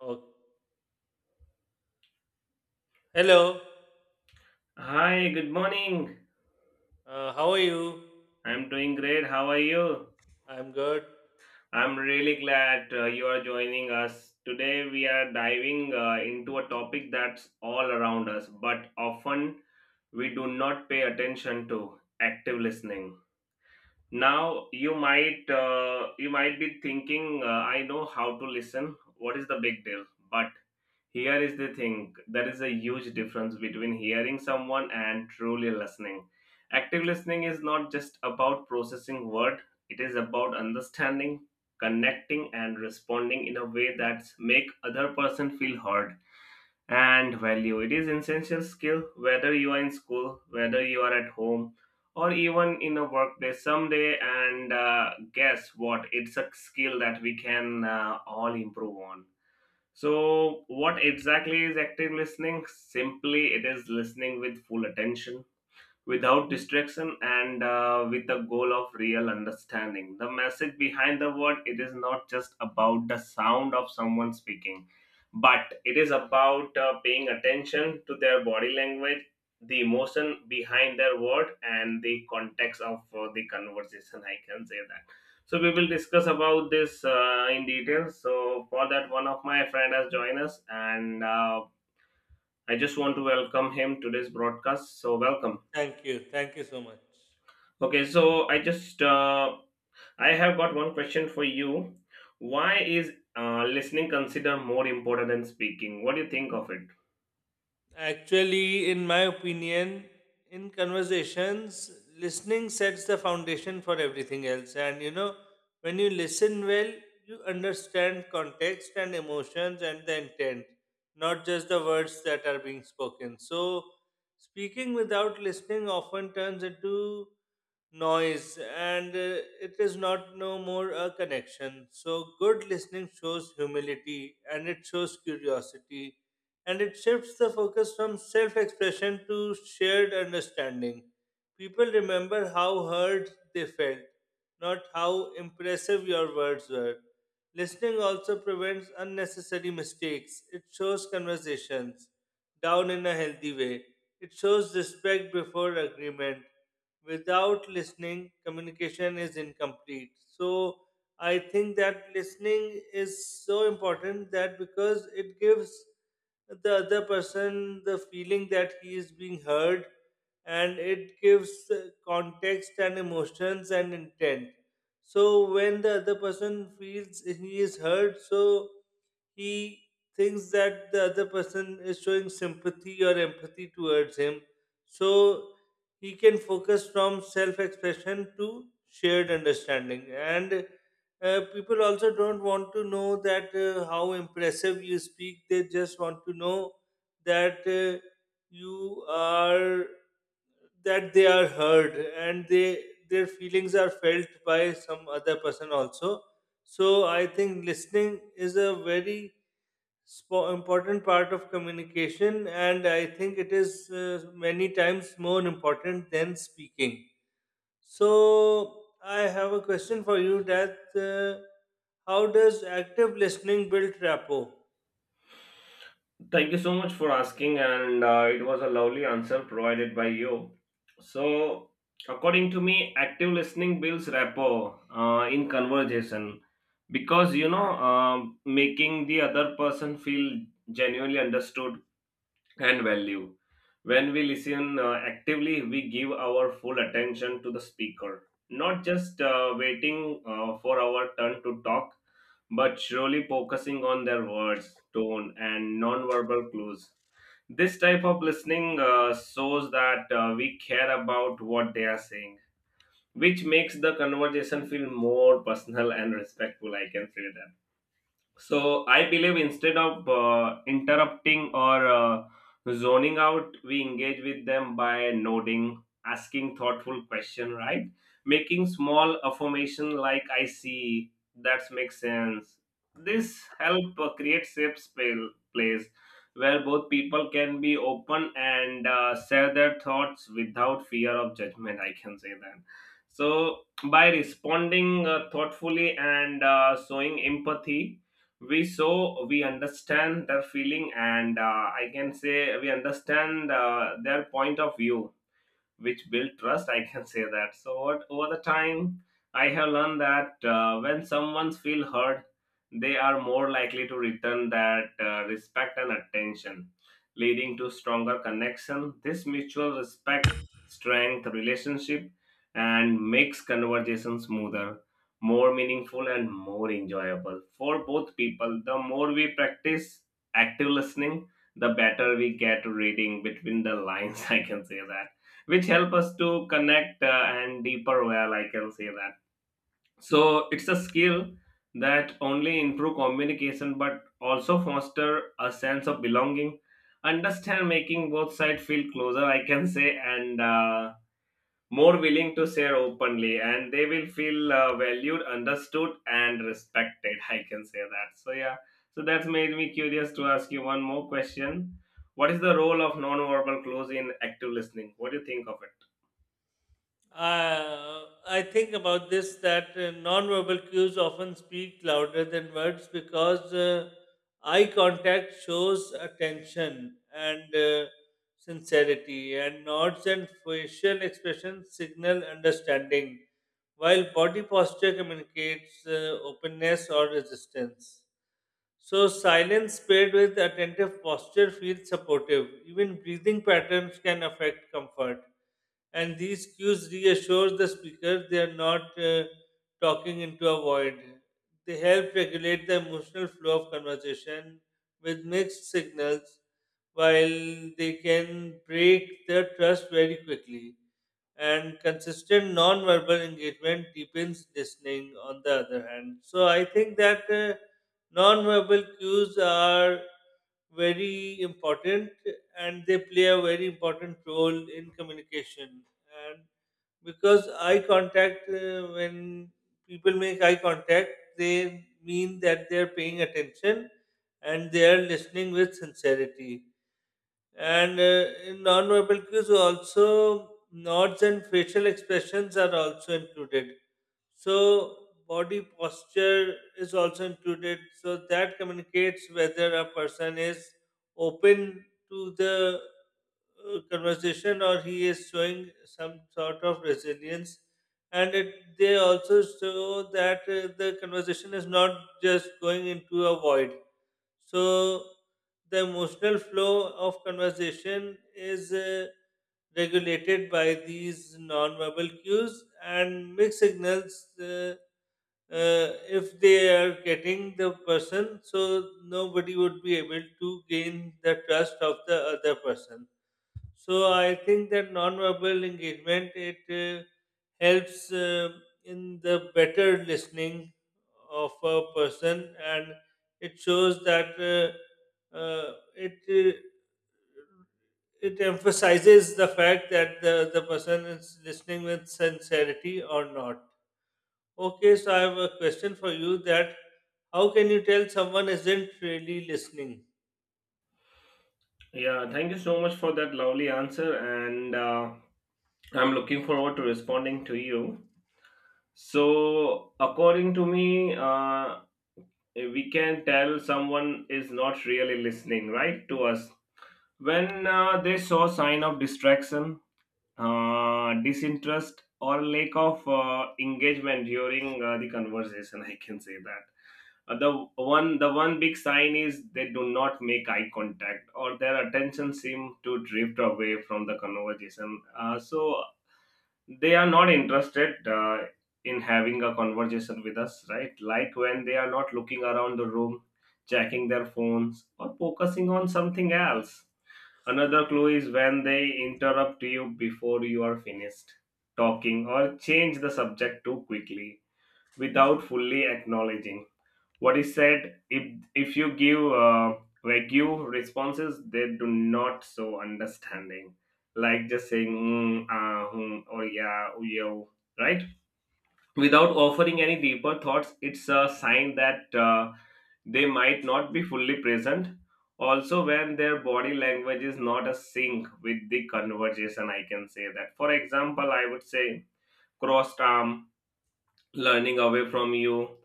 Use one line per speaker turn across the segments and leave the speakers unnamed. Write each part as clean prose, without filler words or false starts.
Oh, hello.
Hi, good morning.
How are you?
I'm doing great. How are you?
I'm good.
I'm really glad you are joining us. Today, we are diving into a topic that's all around us, but often we do not pay attention to active listening. Now, you might be thinking, I know how to listen. What is the big deal? But here is the thing, there is a huge difference between hearing someone and truly listening. Active listening is not just about processing word, it is about understanding, connecting and responding in a way that make other person feel heard and value. It is essential skill whether you are in school, whether you are at home or even in a workplace someday, and guess what, it's a skill that we can all improve on. So, what exactly is active listening? Simply, it is listening with full attention without distraction and with the goal of real understanding the message behind the word. It is not just about the sound of someone speaking, but it is about paying attention to their body language, the emotion behind their word and the context of the conversation, I can say that. So we will discuss about this in detail, so for that one of my friend has joined us, and I just want to welcome him to this broadcast. So welcome.
Thank you. Thank you so much.
Okay, so I just I have got one question for you. Why is listening considered more important than speaking? What do you think of it?
Actually, in my opinion, in conversations, listening sets the foundation for everything else. And you know, when you listen well, you understand context and emotions and the intent, not just the words that are being spoken. So, speaking without listening often turns into noise, and it is not no more a connection. So, good listening shows humility and it shows curiosity, and it shifts the focus from self expression to shared understanding. People remember how heard they felt, not how impressive your words were. Listening also prevents unnecessary mistakes, it shows conversations down in a healthy way. It shows respect before agreement. Without listening, communication is incomplete. So I think that listening is so important that because it gives the other person the feeling that he is being heard, and it gives context and emotions and intent. So when the other person feels he is heard, so he thinks that the other person is showing sympathy or empathy towards him. So he can focus from self expression to shared understanding. And people also don't want to know that how impressive you speak, they just want to know that you are that they are heard and they their feelings are felt by some other person also. So I think listening is a very important part of communication, and I think it is many times more important than speaking. So I have a question for you that uh, how does active listening build rapport?
Thank you so much for asking, and it was a lovely answer provided by you. So, according to me, active listening builds rapport in conversation because you know, making the other person feel genuinely understood and value. When we listen actively, we give our full attention to the speaker, not just waiting for our turn to talk, but surely focusing on their words, tone, and non-verbal clues. This type of listening shows that we care about what they are saying, which makes the conversation feel more personal and respectful. I can say that. So I believe instead of interrupting or zoning out, we engage with them by nodding, asking thoughtful question, right? Making small affirmation like "I see," that makes sense. This help create safe space place where both people can be open and share their thoughts without fear of judgment. I can say that. So by responding thoughtfully and showing empathy, we understand their feeling, and I can say we understand their point of view, which build trust, I can say that. So what, over the time, I have learned that when someone feel heard, they are more likely to return that respect and attention, leading to stronger connection. This mutual respect strength relationship and makes conversation smoother, more meaningful and more enjoyable for both people. The more we practice active listening, the better we get reading between the lines I can say that, which help us to connect and deeper well, I can say that. So it's a skill that only improve communication but also foster a sense of belonging understand, making both sides feel closer, I can say, and more willing to share openly, and they will feel valued, understood and respected, I can say that. So yeah, so that's made me curious to ask you one more question. What is the role of non-verbal clues in active listening? What do you think of it?
I think about this that non-verbal cues often speak louder than words because eye contact shows attention and sincerity, and nods and facial expressions signal understanding, while body posture communicates openness or resistance. So, silence paired with attentive posture feels supportive. Even breathing patterns can affect comfort. And these cues reassure the speaker they are not talking into a void. They help regulate the emotional flow of conversation with mixed signals, while they can break the trust very quickly, and consistent non-verbal engagement deepens listening on the other hand. So I think that non-verbal cues are very important, and they play a very important role in communication. And because eye contact, when people make eye contact, they mean that they are paying attention and they are listening with sincerity. And in non-verbal cues, also nods and facial expressions are also included. So body posture is also included. So that communicates whether a person is open to the conversation, or he is showing some sort of resilience. And it, they also show that the conversation is not just going into a void. So the emotional flow of conversation is regulated by these non-verbal cues and mixed signals. If they are getting the person, so nobody would be able to gain the trust of the other person. So I think that non-verbal engagement, it helps in the better listening of a person, and it shows that it emphasizes the fact that the person is listening with sincerity or not. Okay, so I have a question for you that how can you tell someone isn't really listening?
Yeah, thank you so much for that lovely answer, and I'm looking forward to responding to you. So, according to me, we can tell someone is not really listening, right, to us when they saw sign of distraction, disinterest, or lack of engagement during the conversation. I can say that, uh, the the one big sign is they do not make eye contact or their attention seem to drift away from the conversation, so they are not interested in having a conversation with us, right, like when they are not looking around the room, checking their phones or focusing on something else. Another clue is when they interrupt you before you are finished talking or change the subject too quickly without fully acknowledging what is said. If you give vague responses, they do not show understanding, like just saying mm, ah, hmm, or yeah, oh, yeah, right, without offering any deeper thoughts, it's a sign that they might not be fully present. Also, when their body language is not a sync with the conversation, I can say that. For example, I would say crossed arm, learning away from you,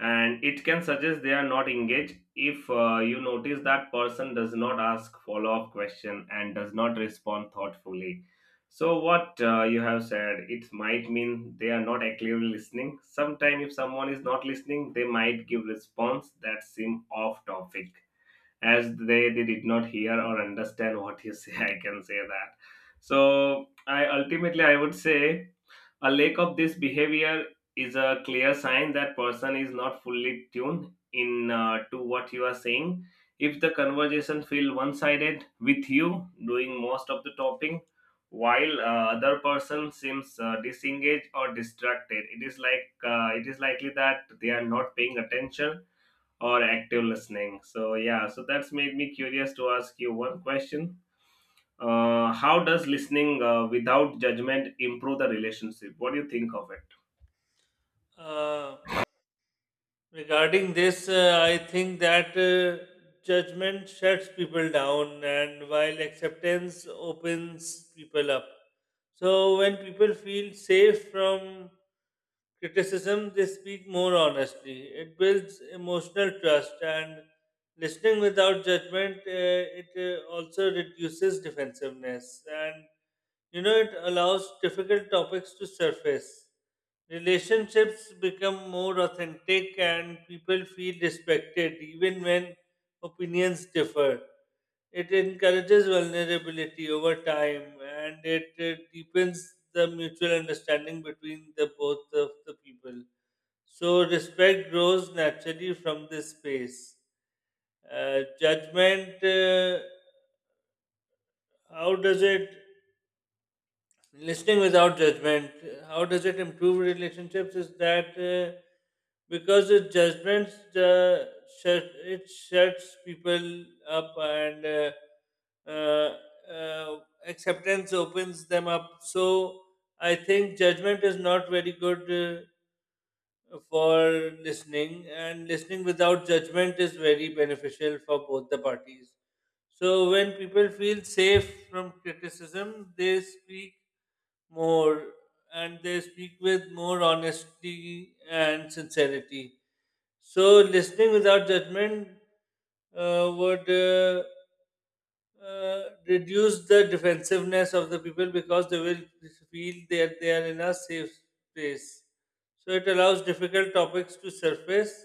and it can suggest they are not engaged. If you notice that person does not ask follow-up question and does not respond thoughtfully, so what you have said, it might mean they are not actively listening. Sometime if someone is not listening, they might give response that seem off topic, as they did not hear or understand what you say, I can say that. So I ultimately I would say a lack of this behavior is a clear sign that person is not fully tuned in to what you are saying. If the conversation feel one-sided with you doing most of the talking, while other person seems disengaged or distracted, it is like it is likely that they are not paying attention or active listening. So yeah, so that's made me curious to ask you one question. How does listening without judgment improve the relationship? What do you think of it?
Uh, Regarding this, I think that judgment shuts people down, and while acceptance opens people up. So, when people feel safe from criticism, they speak more honestly. It builds emotional trust, and listening without judgment, it also reduces defensiveness. And you know, it allows difficult topics to surface. Relationships become more authentic and people feel respected even when opinions differ. It encourages vulnerability over time, and it, deepens the mutual understanding between the both of the people. So respect grows naturally from this space. Judgment, how does it listening without judgment, how does it improve relationships is that because it judgments the it shuts people up, and uh, uh, acceptance opens them up. So I think judgment is not very good for listening, and listening without judgment is very beneficial for both the parties. So when people feel safe from criticism they speak more, and they speak with more honesty and sincerity. So listening without judgment would uh, reduce the defensiveness of the people, because they will feel that they are in a safe space. So it allows difficult topics to surface,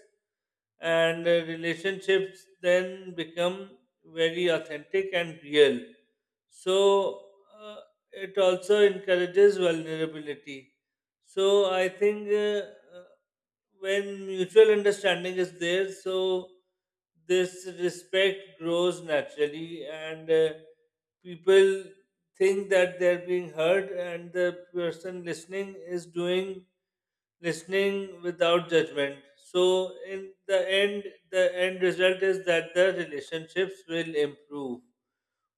and relationships then become very authentic and real. So uh, it also encourages vulnerability. So I think uh, when mutual understanding is there, so this respect grows naturally, and people think that they're being heard, and the person listening is doing listening without judgment. So in the end result is that the relationships will improve.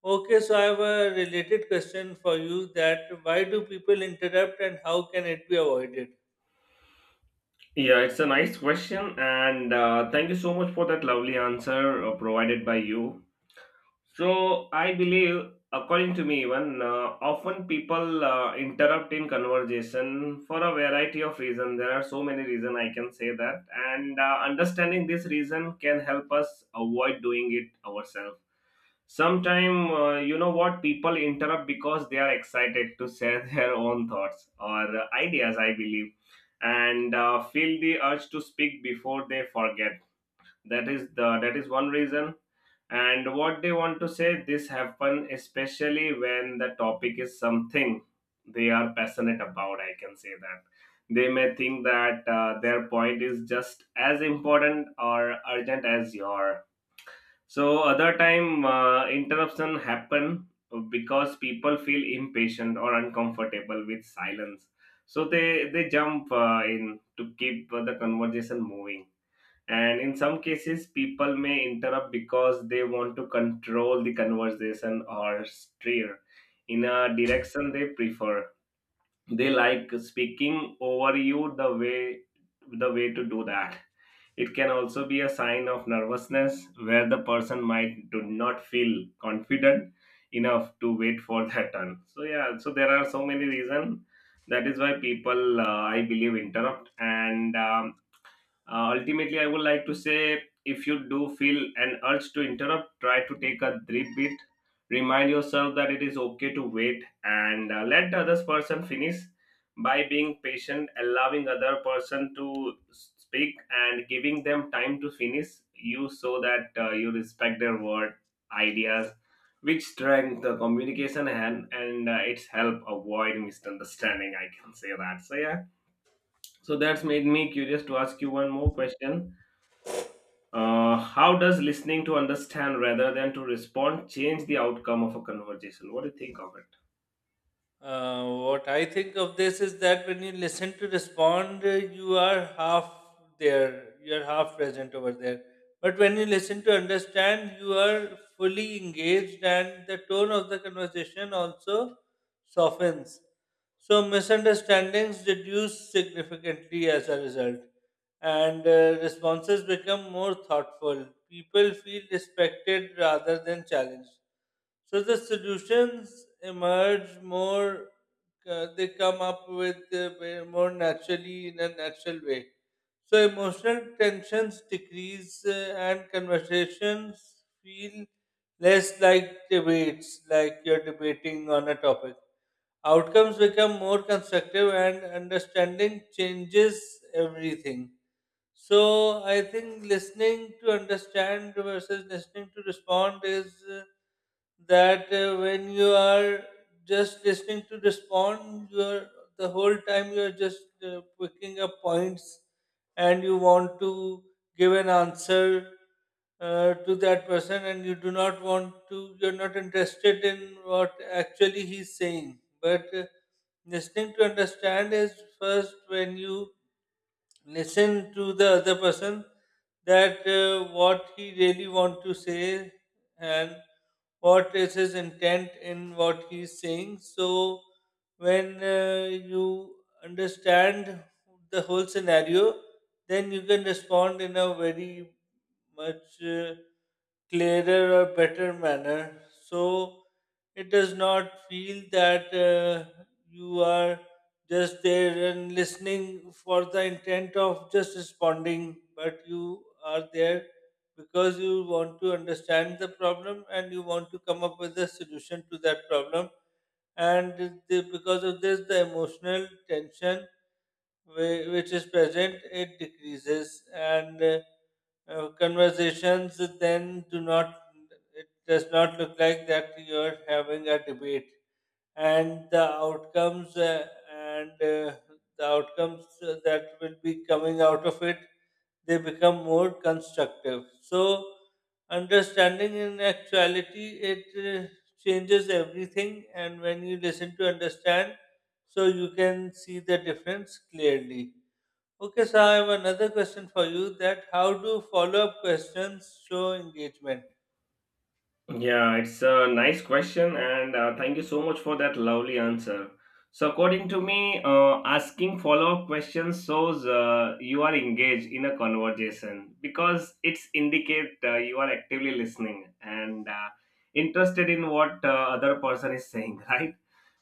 Okay, so I have a related question for you that why do people interrupt and how can it be avoided?
Yeah, it's a nice question, and thank you so much for that lovely answer provided by you. So, I believe, according to me, even often people interrupt in conversation for a variety of reasons. There are so many reasons I can say that, and understanding this reason can help us avoid doing it ourselves. Sometimes you know what, people interrupt because they are excited to share their own thoughts or ideas, I believe, and feel the urge to speak before they forget. That is one reason. And what they want to say, this happen especially when the topic is something they are passionate about. I can say that they may think that their point is just as important or urgent as your. So other time interruption happen because people feel impatient or uncomfortable with silence. So they jump in to keep the conversation moving. And in some cases, people may interrupt because they want to control the conversation or steer in a direction they prefer. They like speaking over you. The way to do that, it can also be a sign of nervousness where the person might do not feel confident enough to wait for their turn. So yeah, so there are so many reasons that is why people I believe interrupt, and ultimately, I would like to say if you do feel an urge to interrupt, try to take a deep breath. Remind yourself that it is okay to wait and let the other person finish by being patient, allowing other person to speak and giving them time to finish you, so that you respect their word, ideas, which strength the communication, and its help avoid misunderstanding. I can say that. So yeah. So that's made me curious to ask you one more question. How does listening to understand rather than to respond change the outcome of a conversation? What do you think of it?
What I think of this is that when you listen to respond, you are half there, you are half present over there. But when you listen to understand, you are fully engaged, and the tone of the conversation also softens. So misunderstandings reduce significantly as a result, and responses become more thoughtful. People feel respected rather than challenged, so the solutions emerge more, they come up with more naturally in a natural way. So emotional tensions decrease, and conversations feel less like debates, like you're debating on a topic. Outcomes become more constructive and understanding changes everything. So I think listening to understand versus listening to respond is that when you are just listening to respond, you're the whole time you're just picking up points and you want to give an answer to that person, and you do not want to, you're not interested in what actually he's saying. But listening to understand is first when you listen to the other person that what he really want to say, and what is his intent in what he's saying. So when you understand the whole scenario, then you can respond in a very much clearer or better manner. So it does not feel that you are just there and listening for the intent of just responding, but you are there because you want to understand the problem and you want to come up with a solution to that problem. And the, because of this, the emotional tension which is present, it decreases, and conversations then do not. It does not look like that you're having a debate, and the outcomes uh, and the outcomes that will be coming out of it, they become more constructive. So understanding in actuality, it changes everything, and when you listen to understand, so you can see the difference clearly. Okay, so I have another question for you that how do follow up questions show engagement?
Yeah, it's a nice question, and thank you so much for that lovely answer. So, according to me, asking follow up questions shows you are engaged in a conversation because it's indicate you are actively listening and interested in what other person is saying, right?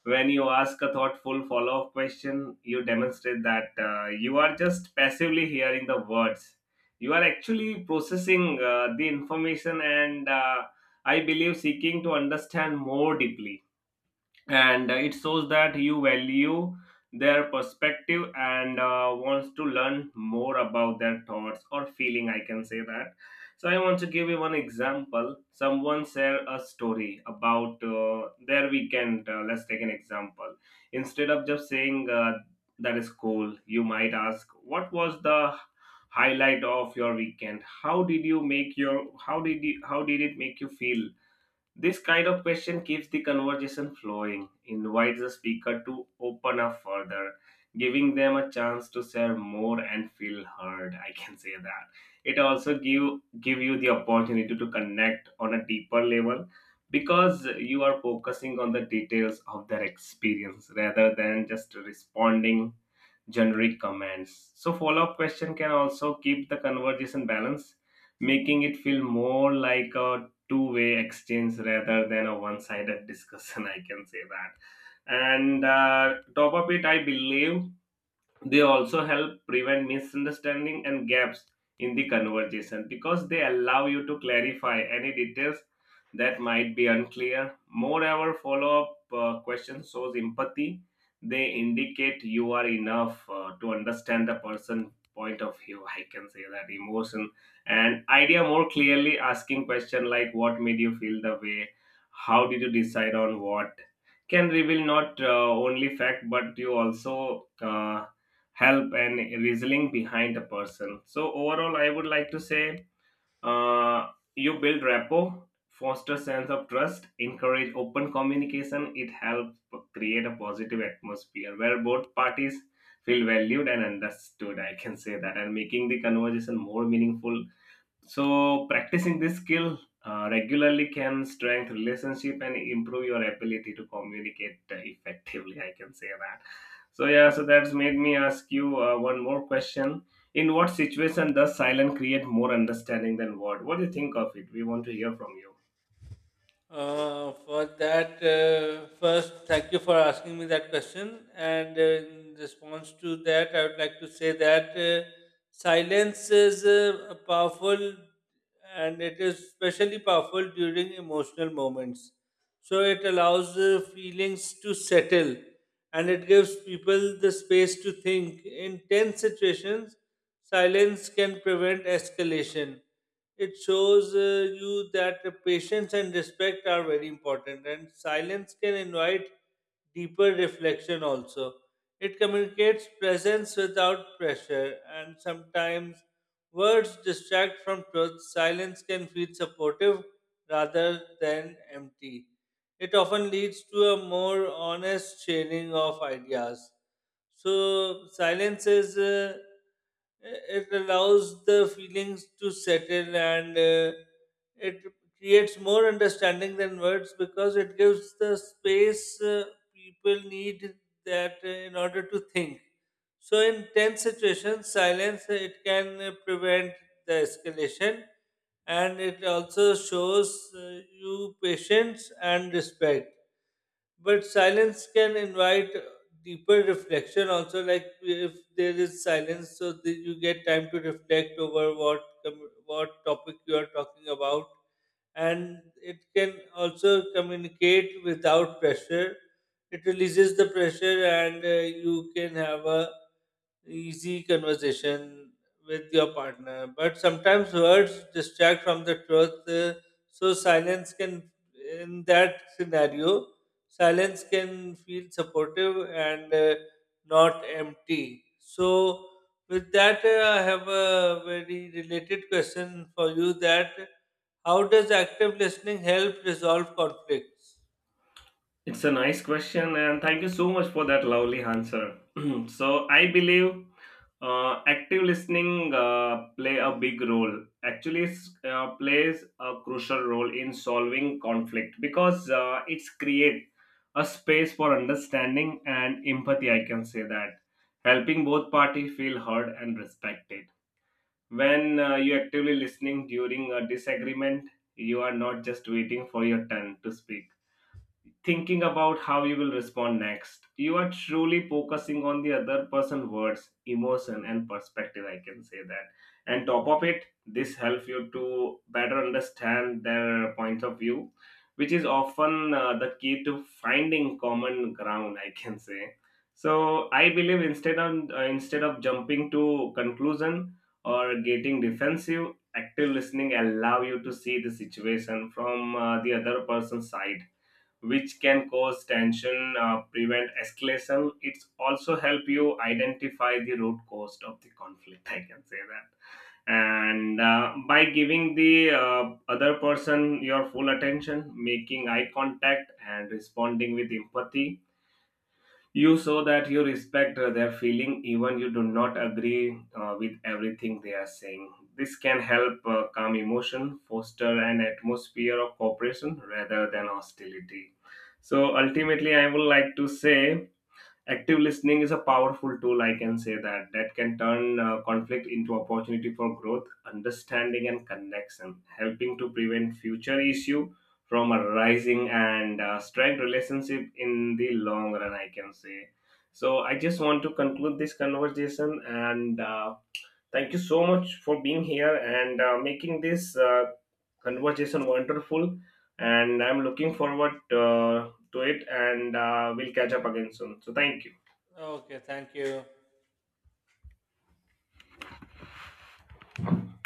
When you ask a thoughtful follow up question, you demonstrate that you are just passively hearing the words. You are actually processing the information and. I believe seeking to understand more deeply. And it shows that you value their perspective and wants to learn more about their thoughts or feeling. I can say that. So I want to give you one example. Someone share a story about their weekend. Let's take an example. Instead of just saying that is cool, you might ask, "What was the highlight of your weekend? How did you make your, how did it make you feel?" This kind of question keeps the conversation flowing, invites the speaker to open up further, giving them a chance to share more and feel heard. I can say that. It also give you the opportunity to connect on a deeper level because you are focusing on the details of their experience rather than just responding generic comments. So, follow up question can also keep the conversation balanced, making it feel more like a two-way exchange rather than a one sided discussion. I can say that. And top of it, I believe they also help prevent misunderstanding and gaps in the conversation because they allow you to clarify any details that might be unclear. Moreover, follow-up question shows empathy. They indicate you are enough to understand the person point of view, I can say that, emotion and idea more clearly. Asking question like what made you feel the way, how did you decide on what, can reveal not only fact but you also help and reasoning behind the person. So overall, I would like to say, uh, you build rapport, foster sense of trust, encourage open communication. It helps create a positive atmosphere where both parties feel valued and understood. I can say that, and making the conversation more meaningful. So, practicing this skill regularly can strengthen relationship and improve your ability to communicate effectively. I can say that. So yeah, so that's made me ask you one more question. In what situation does silence create more understanding than word? What do you think of it? We want to hear from you.
For that, first, thank you for asking me that question. And in response to that, I would like to say that silence is a powerful, and it is especially powerful during emotional moments. So it allows the feelings to settle, and it gives people the space to think. In tense situations, silence can prevent escalation. It shows you that the patience and respect are very important, and silence can invite deeper reflection also. It communicates presence without pressure, and sometimes words distract from truth. Silence can feel supportive rather than empty. It often leads to a more honest sharing of ideas. So, silence is, it allows the feelings to settle, and it creates more understanding than words because it gives the space people need that in order to think. So, in tense situations, silence it can prevent the escalation, and it also shows you patience and respect. But silence can invite deeper reflection also, like if there is silence, so that you get time to reflect over what topic you are talking about, and it can also communicate without pressure. It releases the pressure, and you can have a easy conversation with your partner, but sometimes words distract from the truth. So silence can, in that scenario, silence can feel supportive and not empty. So with that, I have a very related question for you. That how does active listening help resolve conflicts?
It's a nice question, and thank you so much for that lovely answer. So I believe active listening play a big role. Actually, it's, plays a crucial role in solving conflict because it's create a space for understanding and empathy. I can say that, helping both party feel heard and respected. When you actively listening during a disagreement, you are not just waiting for your turn to speak thinking about how you will respond next. You are truly focusing on the other person's words, emotion, and perspective. I can say that. And top of it, this helps you to better understand their point of view, which is often the key to finding common ground. I can say. So I believe instead of jumping to conclusion or getting defensive, active listening allow you to see the situation from the other person's side, which can cause tension, prevent escalation. It's also help you identify the root cause of the conflict. I can say that, and by giving the other person your full attention, making eye contact and responding with empathy, you show that you respect their feeling, even you do not agree with everything they are saying. This can help calm emotion, foster an atmosphere of cooperation rather than hostility. So ultimately, I would like to say active listening is a powerful tool, I can say that, that can turn conflict into opportunity for growth, understanding and connection, helping to prevent future issue from arising and strength relationship in the long run, I can say. So I just want to conclude this conversation, and thank you so much for being here and making this conversation wonderful, and I'm looking forward to it, and we'll catch up again soon, so thank you.
Okay, thank you.